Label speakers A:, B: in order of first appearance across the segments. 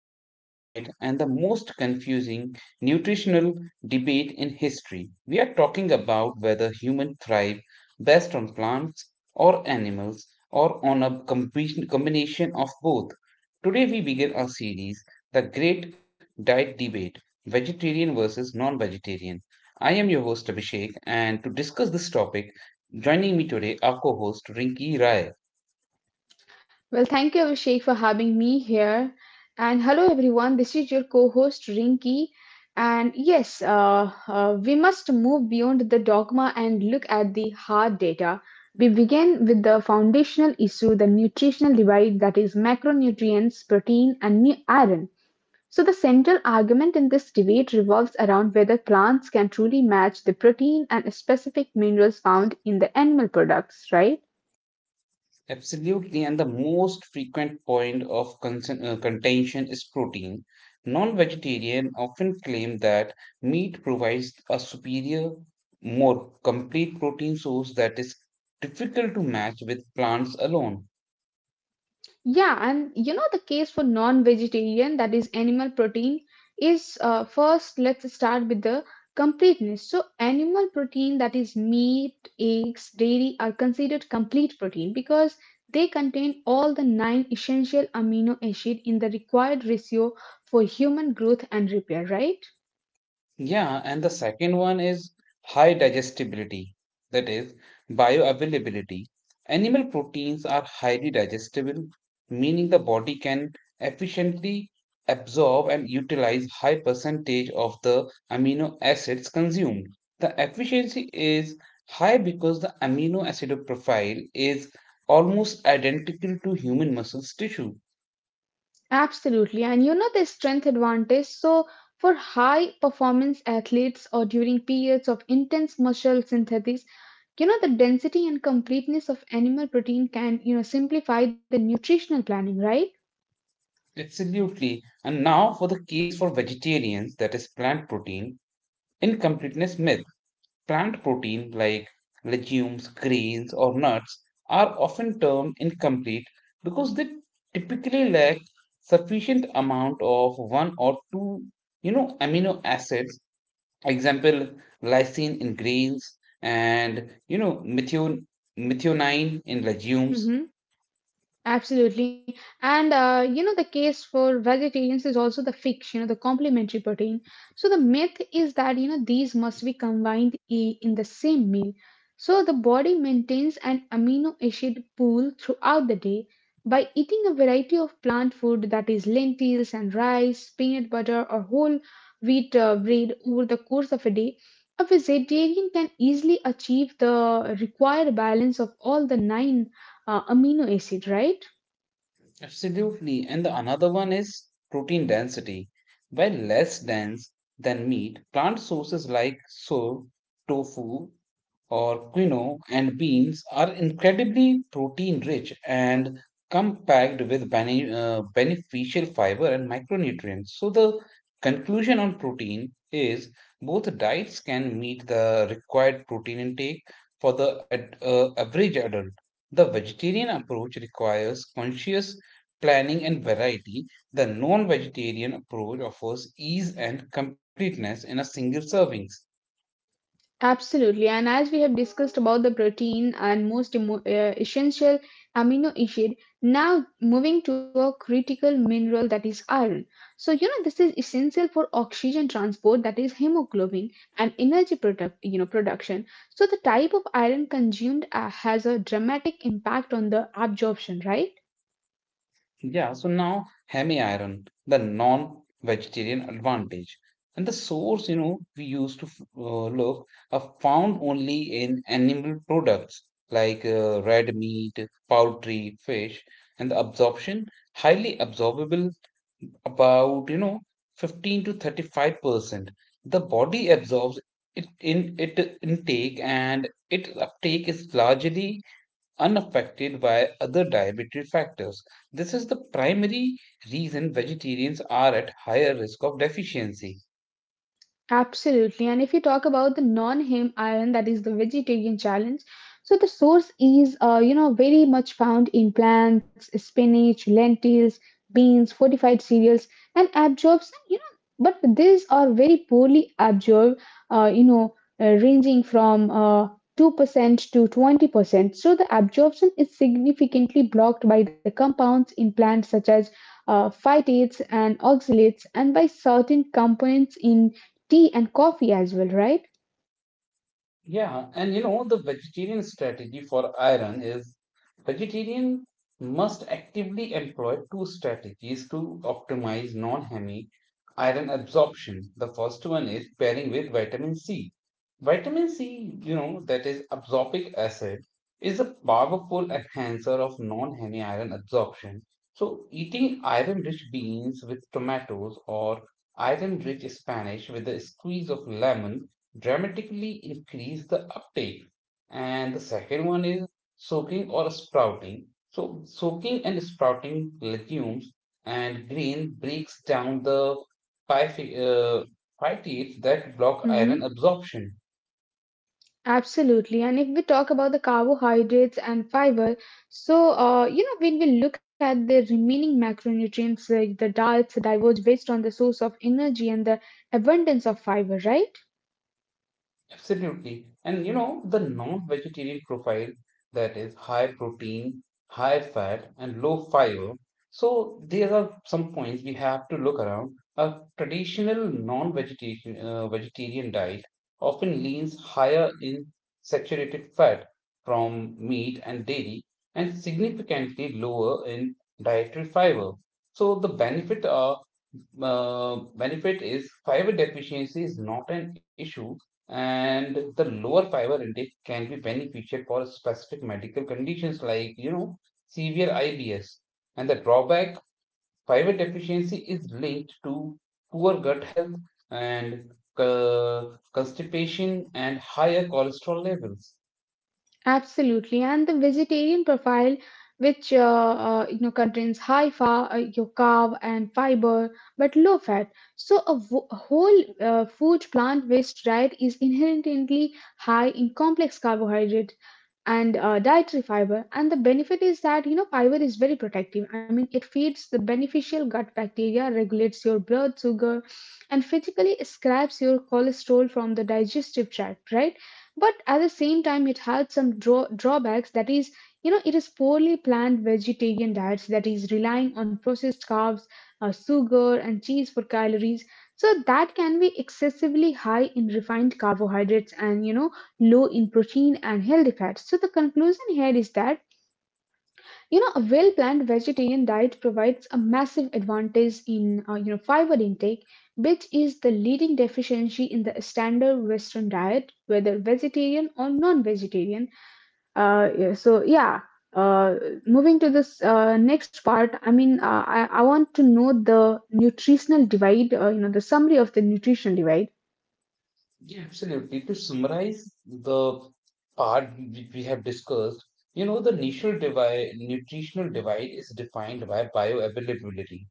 A: most passionate, and the most confusing nutritional debate in history. We are talking about whether humans thrive best on plants or animals or on a combination of both. Today, we begin our series, The Great Diet Debate, Vegetarian versus Non Vegetarian. I am your host, Abhishek, and to discuss this topic, joining me today, our co host, Rinki Rai.
B: Well, thank you, Abhishek, for having me here. And hello, everyone. This is your co host, Rinki. And yes, we must move beyond the dogma and look at the hard data. We begin with the foundational issue the nutritional divide that is, macronutrients, protein, and iron. So, the central argument in this debate revolves around whether plants can truly match the protein and specific minerals found in the animal products, right?
A: Absolutely, and the most frequent point of concern, contention is protein. Non vegetarian often claim that meat provides a superior, more complete protein source that is difficult to match with plants alone.
B: Yeah, and you know the case for non-vegetarian, that is animal protein, is first let's start with the completeness. So animal protein, that is meat, eggs, dairy, are considered complete protein because they contain all the nine essential amino acid in the required ratio for human growth and repair, right?
A: Yeah, and the second one is high digestibility, that is, bioavailability. Animal proteins are highly digestible, meaning the body can efficiently absorb and utilize high percentage of the amino acids consumed. The efficiency is high because the amino acid profile is almost identical to human muscles tissue.
B: Absolutely. And you know, this strength advantage. So, for high performance athletes or during periods of intense muscle synthesis, you know, the density and completeness of animal protein can, you know, simplify the nutritional planning, right?
A: Absolutely. And now for the case for vegetarians, that is plant protein. Incompleteness myth. Plant protein like legumes, grains, or nuts are often termed incomplete because they typically lack sufficient amount of one or two, you know, amino acids. Example, lysine in grains, and you know, methionine in legumes.
B: Mm-hmm. Absolutely. And you know, the case for vegetarians is also the fix, you know, the complementary protein. So the myth is that, you know, these must be combined in the same meal. So the body maintains an amino acid pool throughout the day by eating a variety of plant food that is lentils and rice, peanut butter, or whole wheat bread over the course of a day. A vegetarian can easily achieve the required balance of all the nine amino acid, right?
A: Absolutely. And the another one is protein density. While less dense than meat, plant sources like soy, tofu, or quinoa and beans are incredibly protein rich and come packed with beneficial fiber and micronutrients. So, the conclusion on protein is both diets can meet the required protein intake for the average adult. The vegetarian approach requires conscious planning and variety; the non vegetarian approach offers ease and completeness in a single servings.
B: Absolutely. And as we have discussed about the protein and most essential amino acid, now moving to a critical mineral that is iron. So, you know, this is essential for oxygen transport that is hemoglobin and energy production. So the type of iron consumed has a dramatic impact on the absorption, right?
A: Yeah, so now hemi iron, the non vegetarian advantage. And the source, you know, we used to look, are found only in animal products like red meat, poultry, fish, and the absorption highly absorbable, about you know 15 to 35% the body absorbs it, in it intake, and its uptake is largely unaffected by other dietary factors. This is the primary reason vegetarians are at higher risk of deficiency.
B: Absolutely. And if you talk about the non-heme iron, that is the vegetarian challenge, so the source is, you know, very much found in plants, spinach, lentils, beans, fortified cereals, and absorbs, you know, but these are very poorly absorbed, uh, you know, ranging from 2% to 20%. So the absorption is significantly blocked by the compounds in plants such as phytates and oxalates and by certain components in tea and coffee as well, right?
A: Yeah, and you know, the vegetarian strategy for iron is vegetarian must actively employ two strategies to optimize non-hemi iron absorption. The first one is pairing with vitamin C. Vitamin C, you know, that is absorbic acid, is a powerful enhancer of non-hemi iron absorption. So eating iron-rich beans with tomatoes or iron-rich spinach with a squeeze of lemon dramatically increase the uptake. And the second one is soaking or sprouting. So, soaking and sprouting legumes and green breaks down the pythi- uh, phytates that block
B: hmm
A: iron absorption.
B: Absolutely. And if we talk about the carbohydrates and fiber, so you know when we look at the remaining macronutrients, the diets diverge based on the source of energy and the abundance of fiber, right?
A: Absolutely. And you know, the non-vegetarian profile, that is high protein, high fat, and low fiber. So these are some points we have to look around. A traditional non-vegetarian vegetarian diet often leans higher in saturated fat from meat and dairy and significantly lower in dietary fiber. So the benefits are, benefit is fiber deficiency is not an issue, and the lower fiber intake can be beneficial for specific medical conditions like you know severe IBS. And the drawback, fiber deficiency is linked to poor gut health and uh, constipation and higher cholesterol levels.
B: Absolutely. And the vegetarian profile, which you know contains high fat, your carb and fiber, but low fat. So a whole food plant-based diet is inherently high in complex carbohydrates and dietary fiber, and the benefit is that you know fiber is very protective. I mean, it feeds the beneficial gut bacteria, regulates your blood sugar, and physically scraps your cholesterol from the digestive tract, right? But at the same time it has some drawbacks, that is, you know, it is poorly planned vegetarian diets that is relying on processed carbs, sugar, and cheese for calories. So that can be excessively high in refined carbohydrates and you know low in protein and healthy fats. So the conclusion here is that you know a well-planned vegetarian diet provides a massive advantage in you know fiber intake, which is the leading deficiency in the standard Western diet, whether vegetarian or non-vegetarian. Uh, yeah, so yeah. Uh, Moving to this next part, I mean, I want to know the nutritional divide, you know, the summary of the nutritional divide.
A: Yeah, absolutely. To summarize the part we have discussed, you know, the nutritional divide is defined by bioavailability.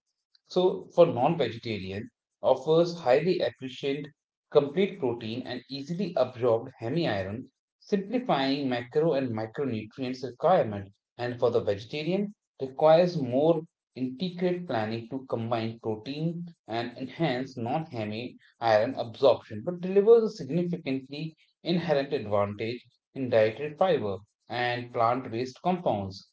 A: So, for non-vegetarian, offers highly efficient, complete protein and easily absorbed hemi-iron, simplifying macro and micronutrients requirement. And for the vegetarian, requires more intricate planning to combine protein and enhance non-hemi iron absorption, but delivers a significantly inherent advantage in dietary fiber and plant-based compounds.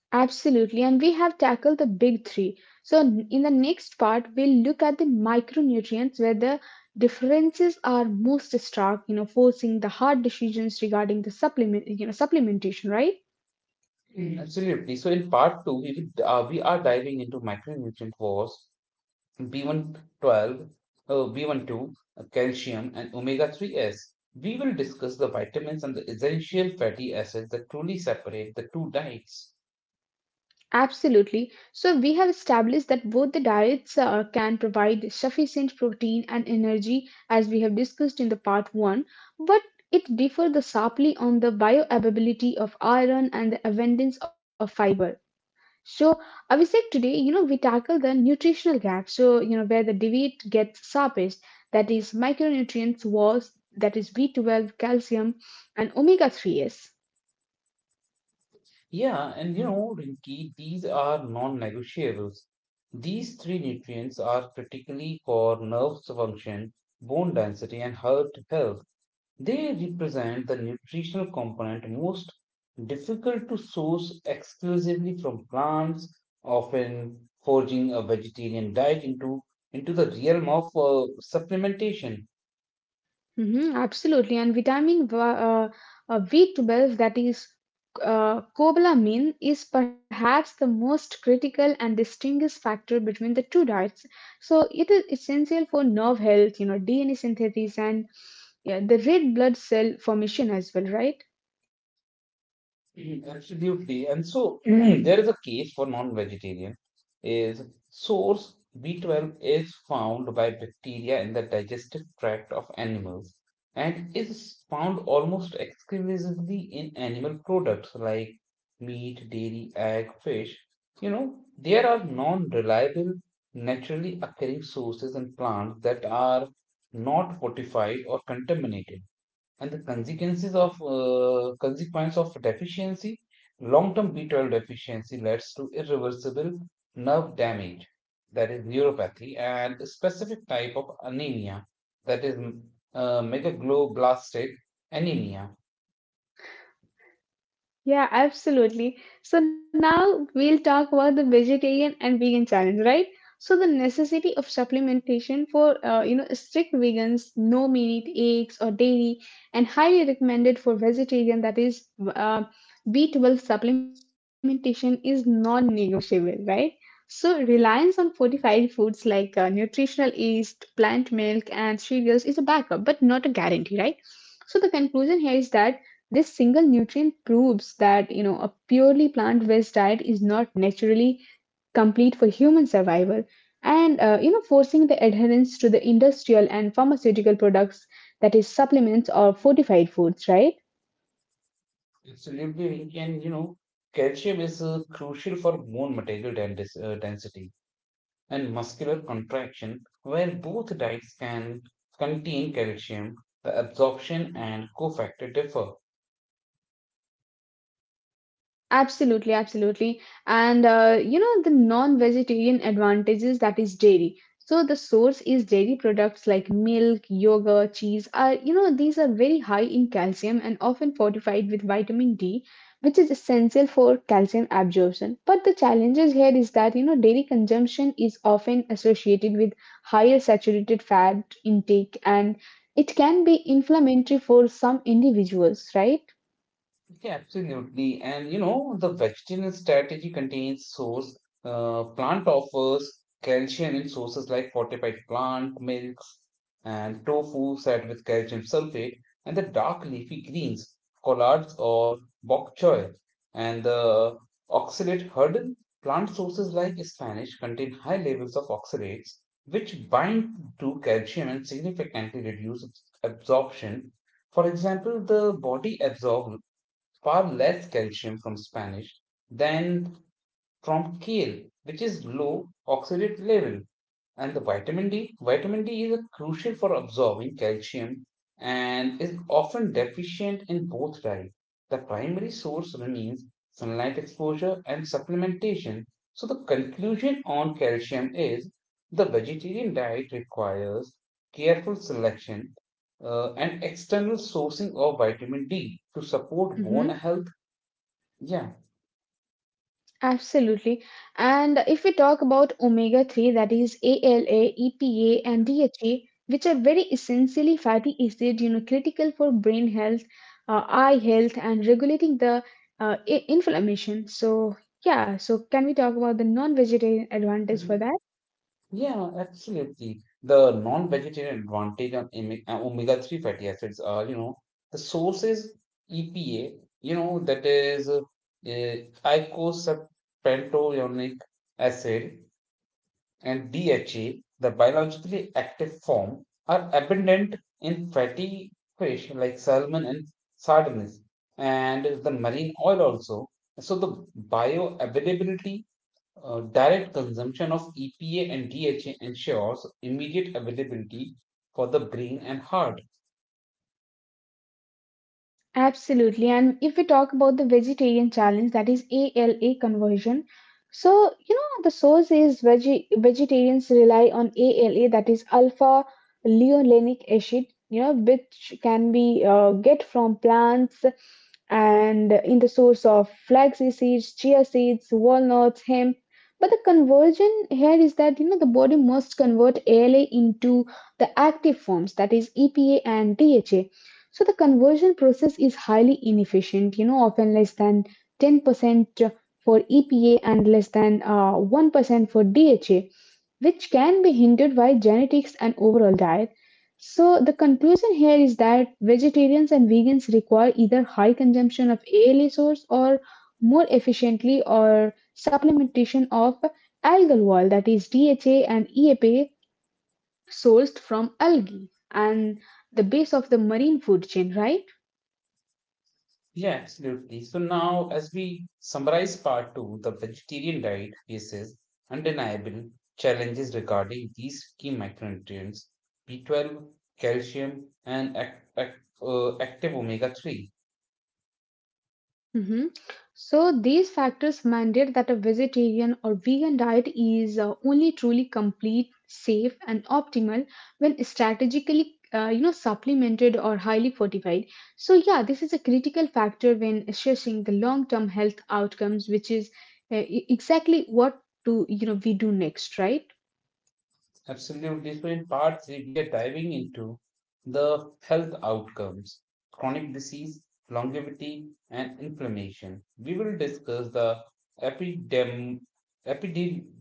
B: Absolutely. And we have tackled the big three. So, in the next part, we'll look at the micronutrients where the differences are most stark, you know, forcing the hard decisions regarding the supplementation, right?
A: Absolutely. So in part two, we will, we are diving into micronutrient wars, B112, uh, B12, calcium, and omega-3s. We will discuss the vitamins and the essential fatty acids that truly separate the two diets.
B: Absolutely. So, we have established that both the diets can provide sufficient protein and energy, as we have discussed in the part 1, but it differs the sharply on the bioavailability of iron and the abundance of fiber. So, Abhishek, today, you know, we tackle the nutritional gap. So, you know, where the debate gets sharpest, that is micronutrients was, that is B12, calcium, and omega 3s.
A: Yeah, and you know, Rinki, these are non-negotiables. These three nutrients are critically for nerve function, bone density, and heart health. They represent the nutritional component most difficult to source exclusively from plants, often forging a vegetarian diet into the realm of supplementation.
B: Mm-hmm, absolutely. And B12, that is cobalamin, is perhaps the most critical and distinguished factor between the two diets. So it is essential for nerve health, you know, DNA synthesis and yeah, the red blood cell formation as well, right?
A: Absolutely. And so there is a case for non-vegetarian is source B12 is found by bacteria in the digestive tract of animals and is found almost exclusively in animal products like meat, dairy, egg, fish. You know, there are non-reliable, naturally occurring sources in plants that are not fortified or contaminated, and the consequences of deficiency: long-term B12 deficiency leads to irreversible nerve damage, that is neuropathy, and a specific type of anemia, that is, megagloblastic anemia.
B: Yeah, absolutely. So now we'll talk about the vegetarian and vegan challenge, right? So the necessity of supplementation for you know strict vegans, no meat, eggs or dairy, and highly recommended for vegetarian, that is uh, B12 supplementation is non-negotiable, right? So reliance on fortified foods like nutritional yeast, plant milk, and cereals is a backup, but not a guarantee, right? So the conclusion here is that this single nutrient proves that you know a purely plant-based diet is not naturally complete for human survival, and you know forcing the adherence to the industrial and pharmaceutical products, that is supplements or fortified foods, right?
A: Absolutely. And you know, calcium is crucial for bone material density and muscular contraction. Where both diets can contain calcium, the absorption and cofactor differ.
B: Absolutely, absolutely. And you know, the non-vegetarian advantages, that is dairy. So the source is dairy products like milk, yogurt, cheese are, you know, these are very high in calcium and often fortified with vitamin D, which is essential for calcium absorption. But the challenges here is that, you know, dairy consumption is often associated with higher saturated fat intake and it can be inflammatory for some individuals, right?
A: Yeah, absolutely. And you know, the vegetarian strategy contains source, plant offers calcium in sources like fortified plant milks and tofu set with calcium sulfate, and the dark leafy greens, collards or bok choy, and the oxalate hurdle. Plant sources like Spanish contain high levels of oxalates, which bind to calcium and significantly reduce absorption. For example, the body absorbs far less calcium from Spanish than from kale, which is low oxidate level. And the vitamin D is crucial for absorbing calcium and is often deficient in both diets. The primary source remains sunlight exposure and supplementation. So the conclusion on calcium is the vegetarian diet requires careful selection, and external sourcing of vitamin D to support bone health. yeah,
B: Absolutely. And if we talk about omega 3, that is ALA, EPA, and DHA, which are very essentially fatty acid, you know, critical for brain health, eye health, and regulating the inflammation. So, yeah, so can we talk about the non vegetarian advantage for
A: Mhm.
B: that?
A: Yeah, Absolutely. The non-vegetarian advantage on omega-3 fatty acids are, you know, the sources: EPA, you know, that is uh, eicosapentaenoic acid, and DHA, the biologically active form, are abundant in fatty fish like salmon and sardines, and the marine oil also. So the bioavailability, uh, direct consumption of EPA and DHA ensures immediate availability for the brain and heart.
B: Absolutely. And if we talk about the vegetarian challenge, that is ALA conversion. So, you know, the source is vegetarians rely on ALA, that is alpha leolenic acid, you know, which can be get from plants and in the source of flaxseed seeds, chia seeds, walnuts, hemp. But the conversion here is that, you know, the body must convert ALA into the active forms, that is EPA and DHA. So the conversion process is highly inefficient, you know, often less than 10% for EPA and less than 1% for DHA, which can be hindered by genetics and overall diet. So the conclusion here is that vegetarians and vegans require either high consumption of ALA source or more efficiently or supplementation of algal oil that is DHA and EPA sourced from algae and the base of the marine food chain, right?
A: Yeah, absolutely. So now, as we summarize part two, the vegetarian diet faces undeniable challenges regarding these key micronutrients B12, calcium, and ac- active omega 3.
B: hmm So these factors mandate that a vegetarian or vegan diet is only truly complete, safe, and optimal when strategically, you know, supplemented or highly fortified. So yeah, this is a critical factor when assessing the long-term health outcomes, which is exactly what to you know we do next, right?
A: Absolutely. So, in part three, we are diving into the health outcomes, chronic disease, longevity, and inflammation. We will discuss the epidem- epide-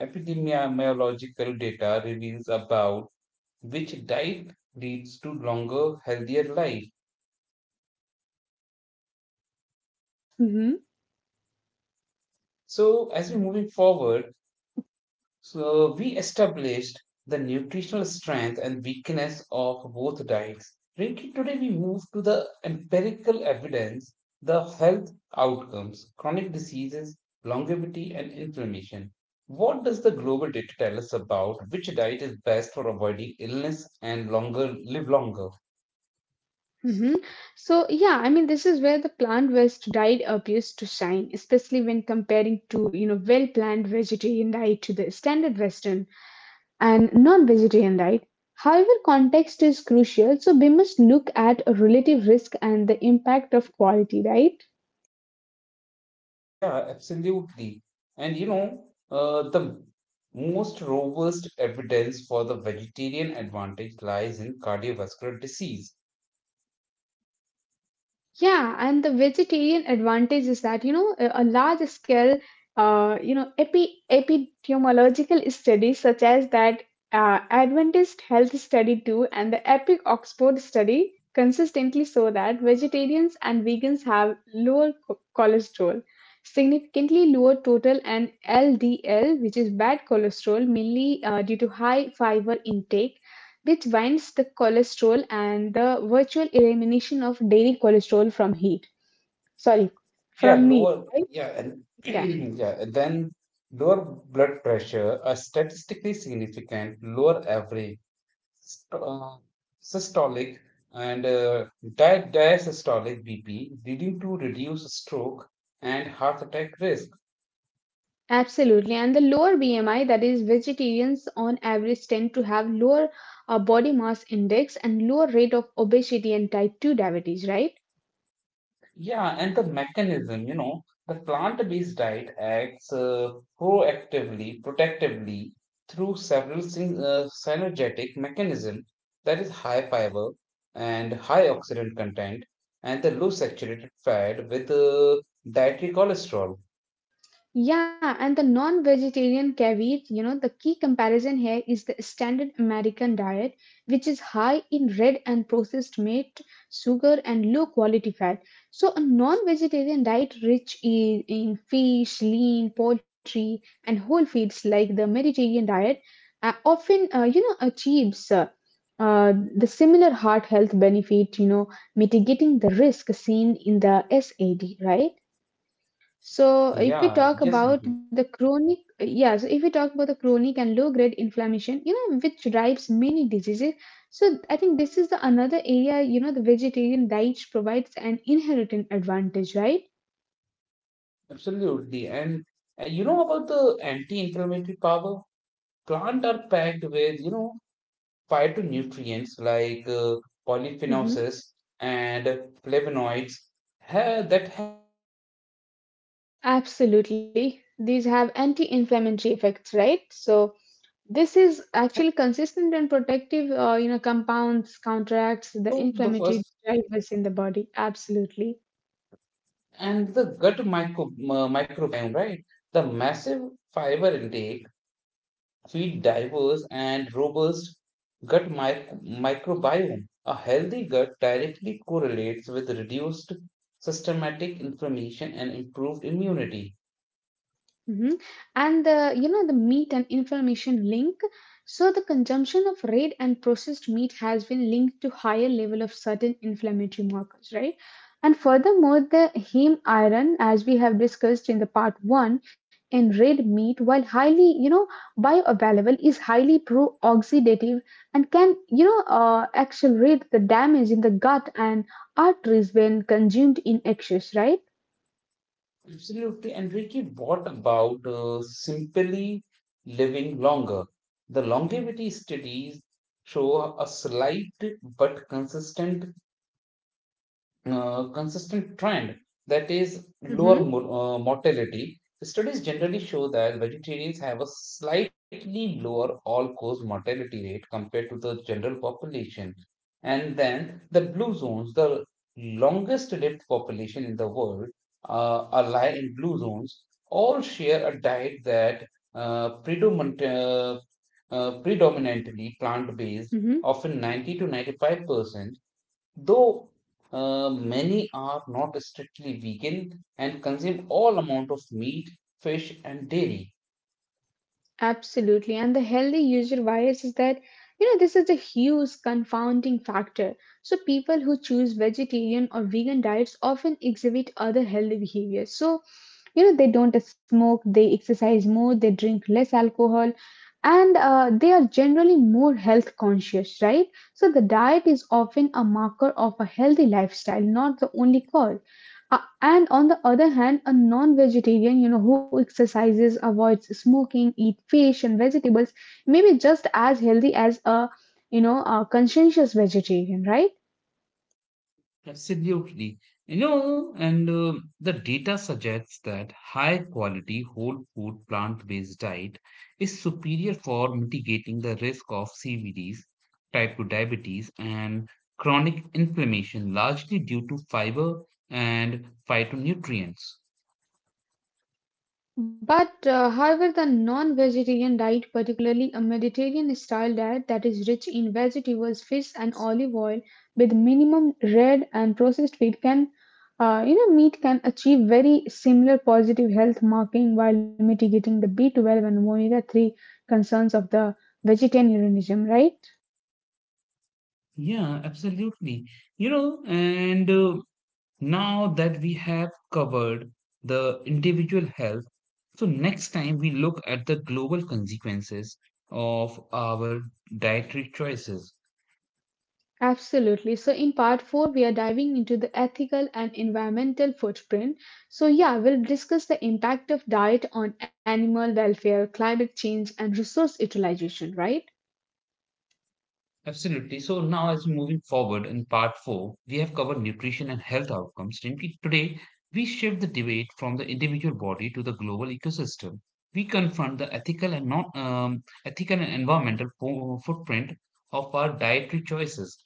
A: epidemiological data reveals about which diet leads to longer, healthier life.
B: Mm-hmm.
A: So, as we're moving forward. We established the nutritional strength and weakness of both diets. Rinki, today we move to the empirical evidence, the health outcomes, chronic diseases, longevity, and inflammation. What does the global data tell us about which diet is best for avoiding illness and longer live longer?
B: hmm So, yeah, I mean, this is where the plant based diet appears to shine, especially when comparing to, you know, well planned vegetarian diet to the standard Western and non vegetarian diet. However, context is crucial, so we must look at a relative risk and the impact of quality, right?
A: Yeah, absolutely. And you know, the most robust evidence for the vegetarian advantage lies in cardiovascular disease.
B: Yeah, and the vegetarian advantage is that, you know, a large scale, you know, epidemiological studies such as that Adventist Health Study 2 and the EPIC Oxford Study consistently show that vegetarians and vegans have lower cholesterol, significantly lower total and LDL, which is bad cholesterol, mainly due to high fiber intake which binds the cholesterol and the virtual elimination of dairy cholesterol from heat. Sorry,
A: Yeah
B: from meat,
A: lower
B: right?
A: yeah and
B: Yeah,
A: yeah and then Lower blood pressure, a statistically significant lower average st- uh, systolic and diastolic bp, leading to reduced stroke and heart attack risk.
B: absolutely. And the lower BMI, that is, vegetarians on average tend to have lower body mass index and lower rate of obesity and type 2 diabetes, right?
A: Yeah, and the mechanism, you know, the plant-based diet acts proactively, protectively through several synergetic mechanism, that is high fiber and high oxidant content and the low saturated fat with dietary cholesterol.
B: Yeah, and the non-vegetarian caveat, you know, the key comparison here is the standard American diet, which is high in red and processed meat, sugar, and low quality fat. So a non-vegetarian diet rich in fish, lean, poultry, and whole foods like the Mediterranean diet often, you know, achieves the similar heart health benefit, you know, mitigating the risk seen in the SAD, right? So if we
A: Yeah,
B: talk
A: yes,
B: about
A: Nidhi,
B: the chronic, yeah, so if we talk about the chronic and low grade inflammation, you know, which drives many diseases. So I think this is the another area, you know, the vegetarian diet provides an inherent advantage, right?
A: absolutely. And, you know about the anti-inflammatory power? Plant are packed with, you know, phytonutrients like polyphenols
B: Mm-hmm.
A: and flavonoids that have,
B: Absolutely. These have anti-inflammatory effects, right? So this is actually consistent and protective, you know, compounds counteracts the
A: so the
B: inflammatory
A: first,
B: drivers in the body. Absolutely.
A: and the gut microbiome, right? The massive fiber intake feed diverse and robust gut microbiome. A healthy gut directly correlates with reduced systematic inflammation and improved immunity.
B: Mhm. And the you know the meat and inflammation link. So the consumption of red and processed meat has been linked to higher level of certain inflammatory markers, right? And furthermore, the heme iron, as we have discussed in the part one, in red meat, while highly bioavailable, is highly pro-oxidative and can accelerate the damage in the gut and arteries when consumed in excess, right?
A: Absolutely. And Ricky, what about simply living longer? The longevity studies show a slight but consistent trend, that is lower
B: Mm-hmm.
A: mortality. Studies generally show that vegetarians have a slightly lower all cause mortality rate compared to the general population. And then the blue zones, the longest lived population in the world, are lie in blue zones, all share a diet that uh, predominant, uh, predominantly plant based, often 90 to 95%, though many are not strictly vegan and consume all amount of meat, fish, and dairy.
B: Absolutely. And the healthy user bias is that, this is a huge confounding factor. So people who choose vegetarian or vegan diets often exhibit other healthy behaviors. So, they don't smoke, they exercise more, they drink less alcohol, and they are generally more health conscious, right? So the diet is often a marker of a healthy lifestyle, not the only cause. And on the other hand, a non-vegetarian, who exercises, avoids smoking, eat fish and vegetables, may be just as healthy as a conscientious vegetarian, right?
A: Absolutely. You know, and the data suggests that high quality whole food plant-based diet is superior for mitigating the risk of CVDs, type 2 diabetes, and chronic inflammation, largely due to fiber and phytonutrients.
B: But however, the non-vegetarian diet, particularly a Mediterranean-style diet that is rich in vegetables, fish, and olive oil, with minimum red and processed food, can, meat can achieve very similar positive health marking while mitigating the B12 and omega-3 concerns of the vegetarianism, right?
A: Yeah, absolutely. You know, and Now that we have covered the individual health, so next time we look at the global consequences of our dietary choices.
B: Absolutely. So, in part four, we are diving into the ethical and environmental footprint. So, yeah, we'll discuss the impact of diet on animal welfare, climate change, and resource utilization, right?
A: Absolutely. So now as we're moving forward in part four, we have covered nutrition and health outcomes. Rinki, today, we shift the debate from the individual body to the global ecosystem. We confront the ethical and environmental footprint of our dietary choices.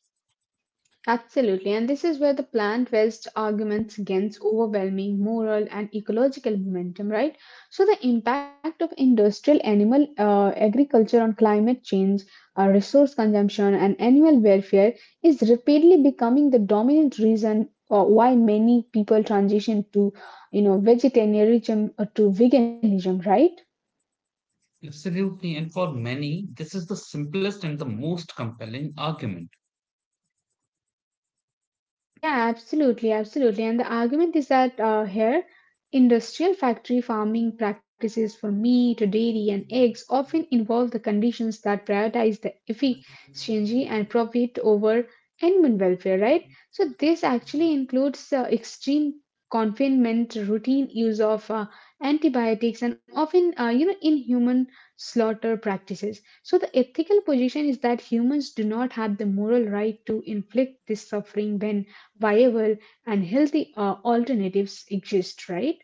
B: Absolutely, and this is where the plant based arguments against overwhelming moral and ecological momentum, right? So, the impact of industrial animal agriculture on climate change, resource consumption, and animal welfare is rapidly becoming the dominant reason why many people transition to, vegetarianism or to veganism, right?
A: Absolutely. And for many, this is the simplest and the most compelling argument.
B: Yeah, absolutely. And the argument is that here, industrial factory farming practices for meat, dairy, and eggs often involve the conditions that prioritize the efficiency and profit over animal welfare, right? So, this actually includes extreme confinement, routine use of antibiotics, and often, inhuman slaughter practices. So, the ethical position is that humans do not have the moral right to inflict this suffering when viable and healthy alternatives exist, right?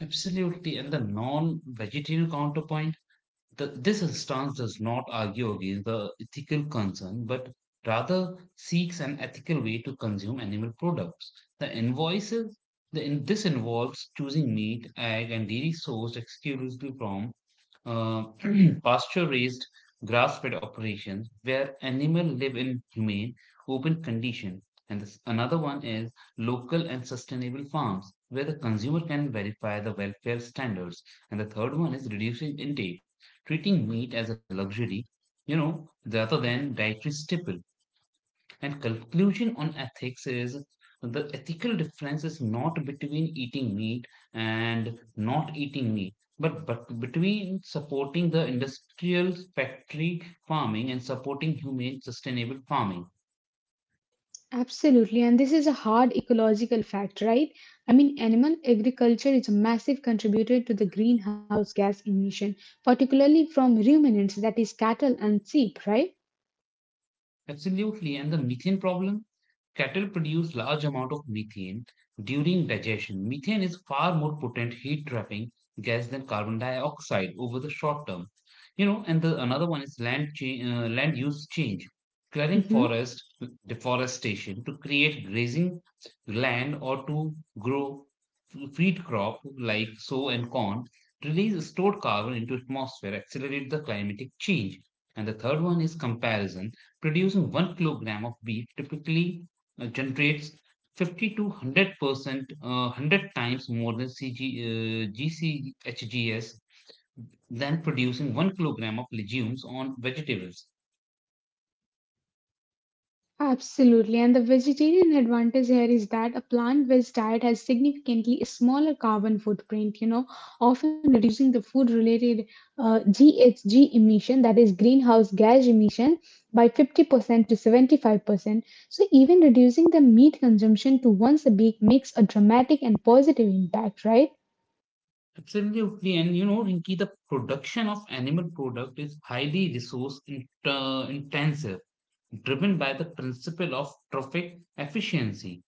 A: Absolutely. And the non vegetarian counterpoint, this stance does not argue against the ethical concern, but rather seeks an ethical way to consume animal products. The invoices, the, in, This involves choosing meat, egg, and dairy sourced exclusively from uh, pasture-raised, grass-fed operations where animals live in humane, open conditions. And another one is local and sustainable farms, where the consumer can verify the welfare standards. And the third one is reducing intake, treating meat as a luxury, you know, rather than dietary staple. And conclusion on ethics is the ethical difference is not between eating meat and not eating meat, but between supporting the industrial factory farming and supporting humane sustainable farming.
B: Absolutely, and this is a hard ecological fact, right? I mean, animal agriculture is a massive contributor to the greenhouse gas emission, particularly from ruminants, that is, cattle and sheep, right?
A: Absolutely. And the methane problem, cattle produce large amount of methane during digestion. Methane is far more potent heat trapping gas than carbon dioxide over the short term. And the another one is land use change. Clearing
B: Mhm.
A: forest, deforestation to create grazing land or to grow feed crop like soy and corn, release stored carbon into atmosphere, accelerate the climatic change. And the third one is comparison. Producing 1 kilogram of wheat typically generates 50 to 100%, 100 times more than GCHGS than producing 1 kilogram of legumes on vegetables.
B: Absolutely, and the vegetarian advantage here is that a plant-based diet has significantly smaller carbon footprint, often reducing the food-related GHG emission, that is greenhouse gas emission, by 50% to 75%. So even reducing the meat consumption to once a week makes a dramatic and positive impact, right?
A: Absolutely. And you know, Rinki, the production of animal product is highly intensive, driven by the principle of trophic efficiency.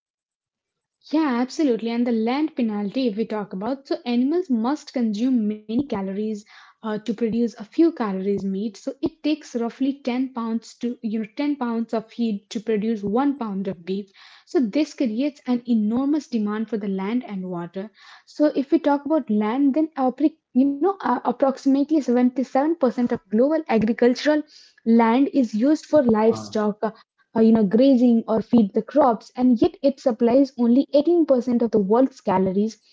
B: Yeah, absolutely. And the land penalty, if we talk about, so animals must consume many calories to produce a few calories meat. So it takes roughly 10 pounds 10 pounds of feed to produce 1 pound of beef. So this creates an enormous demand for the land and water. So if we talk about land, then approximately 77% of global agricultural land is used for livestock grazing or feed the crops, and yet it supplies only 18% of the world's calories.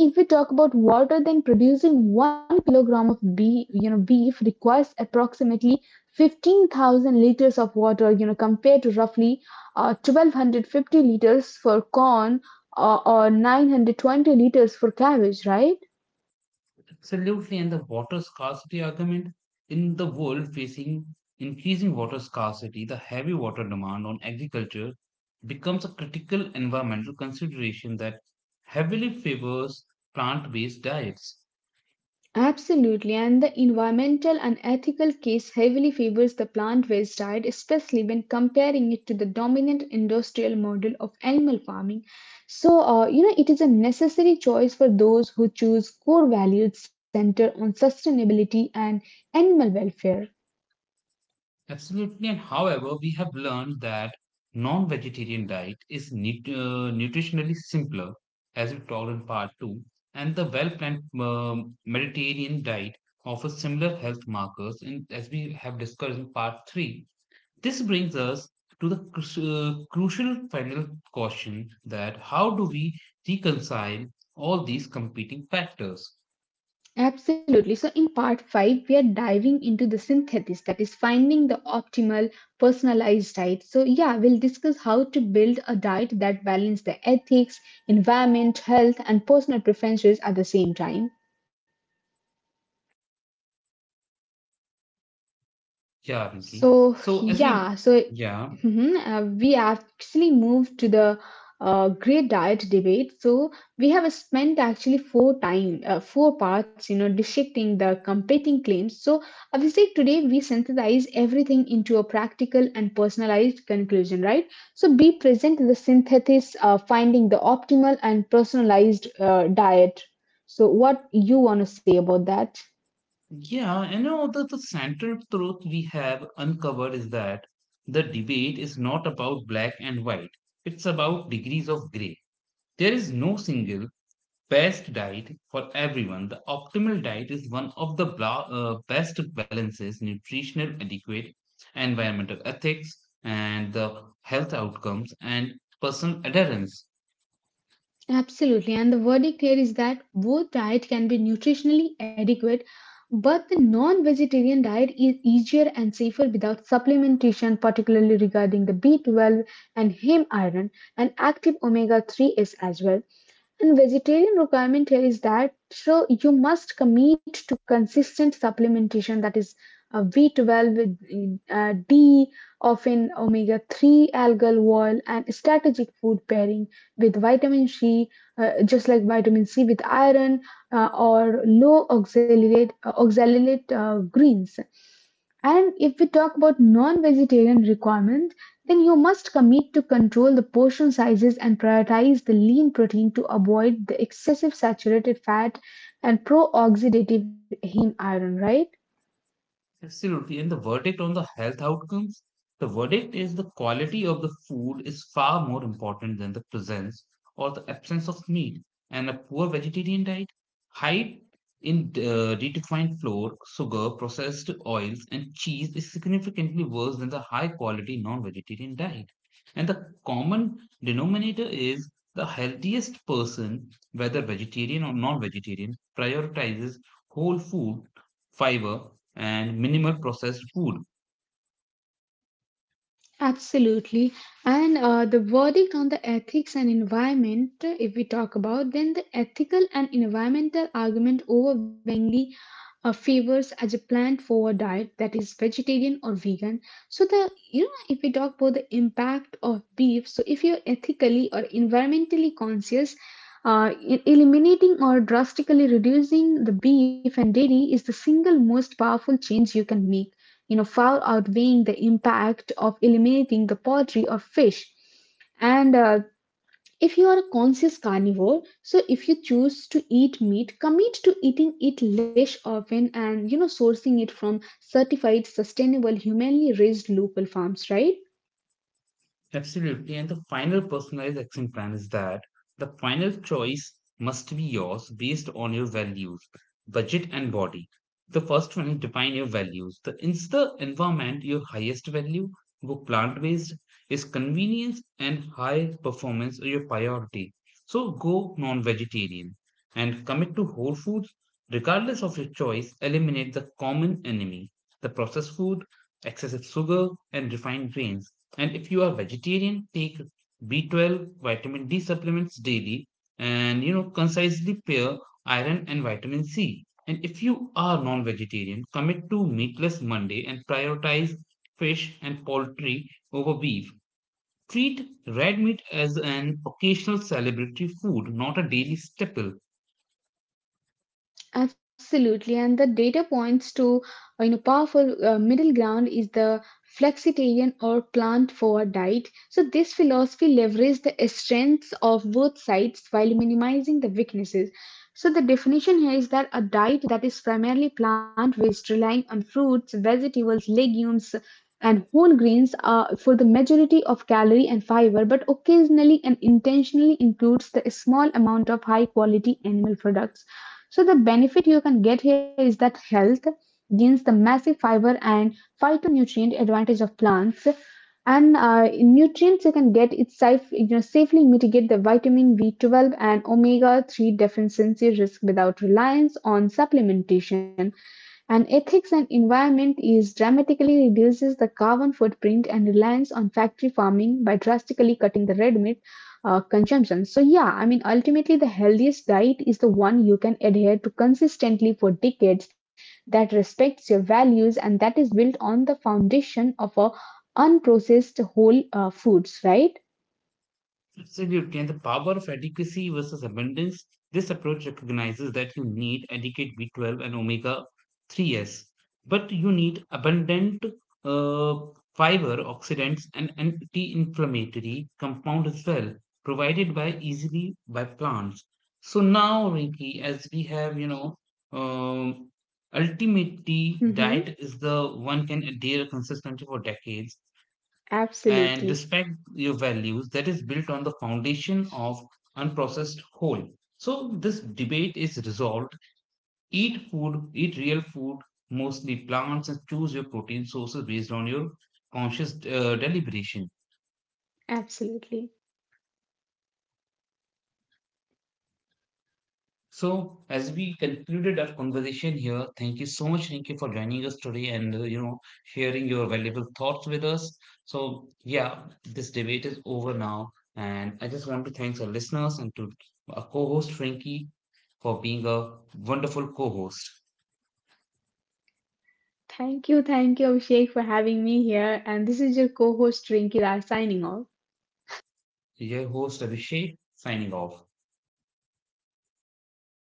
B: And if we talk about water, then producing 1 kilogram of beef, beef requires approximately 15,000 liters of water, compared to roughly 1,250 liters for corn or 920 liters for cabbage, right?
A: Absolutely, and the water scarcity argument, in the world facing increasing water scarcity, the heavy water demand on agriculture becomes a critical environmental consideration that heavily favors plant based diets.
B: Absolutely, and the environmental and ethical case heavily favors the plant based diet, especially when comparing it to the dominant industrial model of animal farming. So, it is a necessary choice for those who choose core values centered on sustainability and animal welfare.
A: Absolutely. And however, we have learned that non-vegetarian diet is nutritionally simpler, as we talked in part 2, and the well-planned Mediterranean diet offers similar health markers, as we have discussed in part 3. This brings us to the crucial final question: that how do we reconcile all these competing factors?
B: Absolutely. So, in part five, we are diving into the synthesis that is finding the optimal personalized diet. So, yeah, we'll discuss how to build a diet that balances the ethics, environment, health, and personal preferences at the same time.
A: Yeah, Rinki.
B: So
A: So as we,
B: yeah, so
A: yeah.
B: mhm, we actually moved to the great diet debate. So we have spent actually four parts, dissecting the competing claims. So Abhishek, today we synthesize everything into a practical and personalized conclusion, right? So be present the synthesis, finding the optimal and personalized diet. So what you want to say about that?
A: Yeah, and you know, the central truth we have uncovered is that the debate is not about black and white, it's about degrees of gray. There is no single best diet for everyone. The optimal diet is one of the bla best balances: nutritional adequate, environmental ethics, and the health outcomes and personal adherence.
B: Absolutely. And the verdict here is that both diet can be nutritionally adequate, but the non-vegetarian diet is easier and safer without supplementation, particularly regarding the B12 and heme iron and active omega three s as well. And vegetarian requirement here is that so you must commit to consistent supplementation that is B12 with D, often omega 3 algal oil, and strategic food pairing with vitamin C, just like vitamin C with iron or low oxalate, oxalate greens. And if we talk about non vegetarian requirements, then you must commit to control the portion sizes and prioritize the lean protein to avoid the excessive saturated fat and pro-oxidative heme iron, right?
A: Absolutely. And the verdict on the health outcomes, the verdict is the quality of the food is far more important than the presence or the absence of meat. And a poor vegetarian diet, high in redefined flour, sugar, processed oils, and cheese is significantly worse than the high quality non vegetarian diet. And the common denominator is the healthiest person, whether vegetarian or non vegetarian, prioritizes whole food, fiber, and minimal processed food.
B: Absolutely. And the verdict on the ethics and environment, if we talk about, then the ethical and environmental argument overwhelmingly favors as a plant forward diet that is vegetarian or vegan. So the, if we talk about the impact of beef, so if you're ethically or environmentally conscious, eliminating or drastically reducing the beef and dairy is the single most powerful change you can make, far outweighing the impact of eliminating the poultry or fish. And if you are a conscious carnivore, so if you choose to eat meat, commit to eating it less often and sourcing it from certified sustainable humanely raised local farms, right?
A: Absolutely. And the final personalized action plan is that the final choice must be yours based on your values, budget, and body. The first one is define your values. Is the environment your highest value? Go plant based. Is convenience and high performance are your priority? So go non vegetarian and commit to whole foods. Regardless of your choice, eliminate the common enemy, the processed food, excessive sugar, and refined grains. And if you are vegetarian, take B12 vitamin D supplements daily, and you know concisely pair iron and vitamin C. And if you are non-vegetarian, commit to meatless Monday and prioritize fish and poultry over beef. Treat red meat as an occasional celebratory food, not a daily staple.
B: Absolutely, and the data points to powerful middle ground is the flexitarian or plant forward diet. So this philosophy leverages the strengths of both sides while minimizing the weaknesses. So the definition here is that a diet that is primarily plant-based, relying on fruits, vegetables, legumes, and whole grains for the majority of calorie and fiber, but occasionally and intentionally includes the small amount of high-quality animal products. So the benefit you can get here is that health gains the massive fiber and phytonutrient advantage of plants. And in nutrients you can get it safely mitigate the vitamin B12 and omega 3 deficiency risk without reliance on supplementation, and ethics and environment is dramatically reduces the carbon footprint and reliance on factory farming by drastically cutting the red meat consumption. So yeah, I mean ultimately the healthiest diet is the one you can adhere to consistently for decades, that respects your values and that is built on the foundation of a unprocessed whole foods, right?
A: Absolutely. And the power of adequacy versus abundance. This approach recognizes that you need adequate B12 and omega 3s, but you need abundant uh, fiber, oxidants, and anti inflammatory compound as well, provided by easily by plants. So now, Rinki, as we have, you know, um, ultimately diet
B: Mm-hmm.
A: is the one can adhere consistently for decades and
B: Absolutely.
A: respect your values, that is built on the foundation of unprocessed whole. So this debate is resolved. Eat food, eat real food, mostly plants, and choose your protein sources based on your conscious deliberation.
B: Absolutely.
A: So, as we concluded our conversation here, thank you so much, Rinki, for joining us today, and you know sharing your valuable thoughts with us. So, yeah, this debate is over now, and I just want to thank our listeners and to our co-host Rinki for being a wonderful co-host.
B: Thank you. Thank you, Abhishek, for having me here. And this is your co host, Rinki Raj, signing off.
A: Your host Abhishek signing off.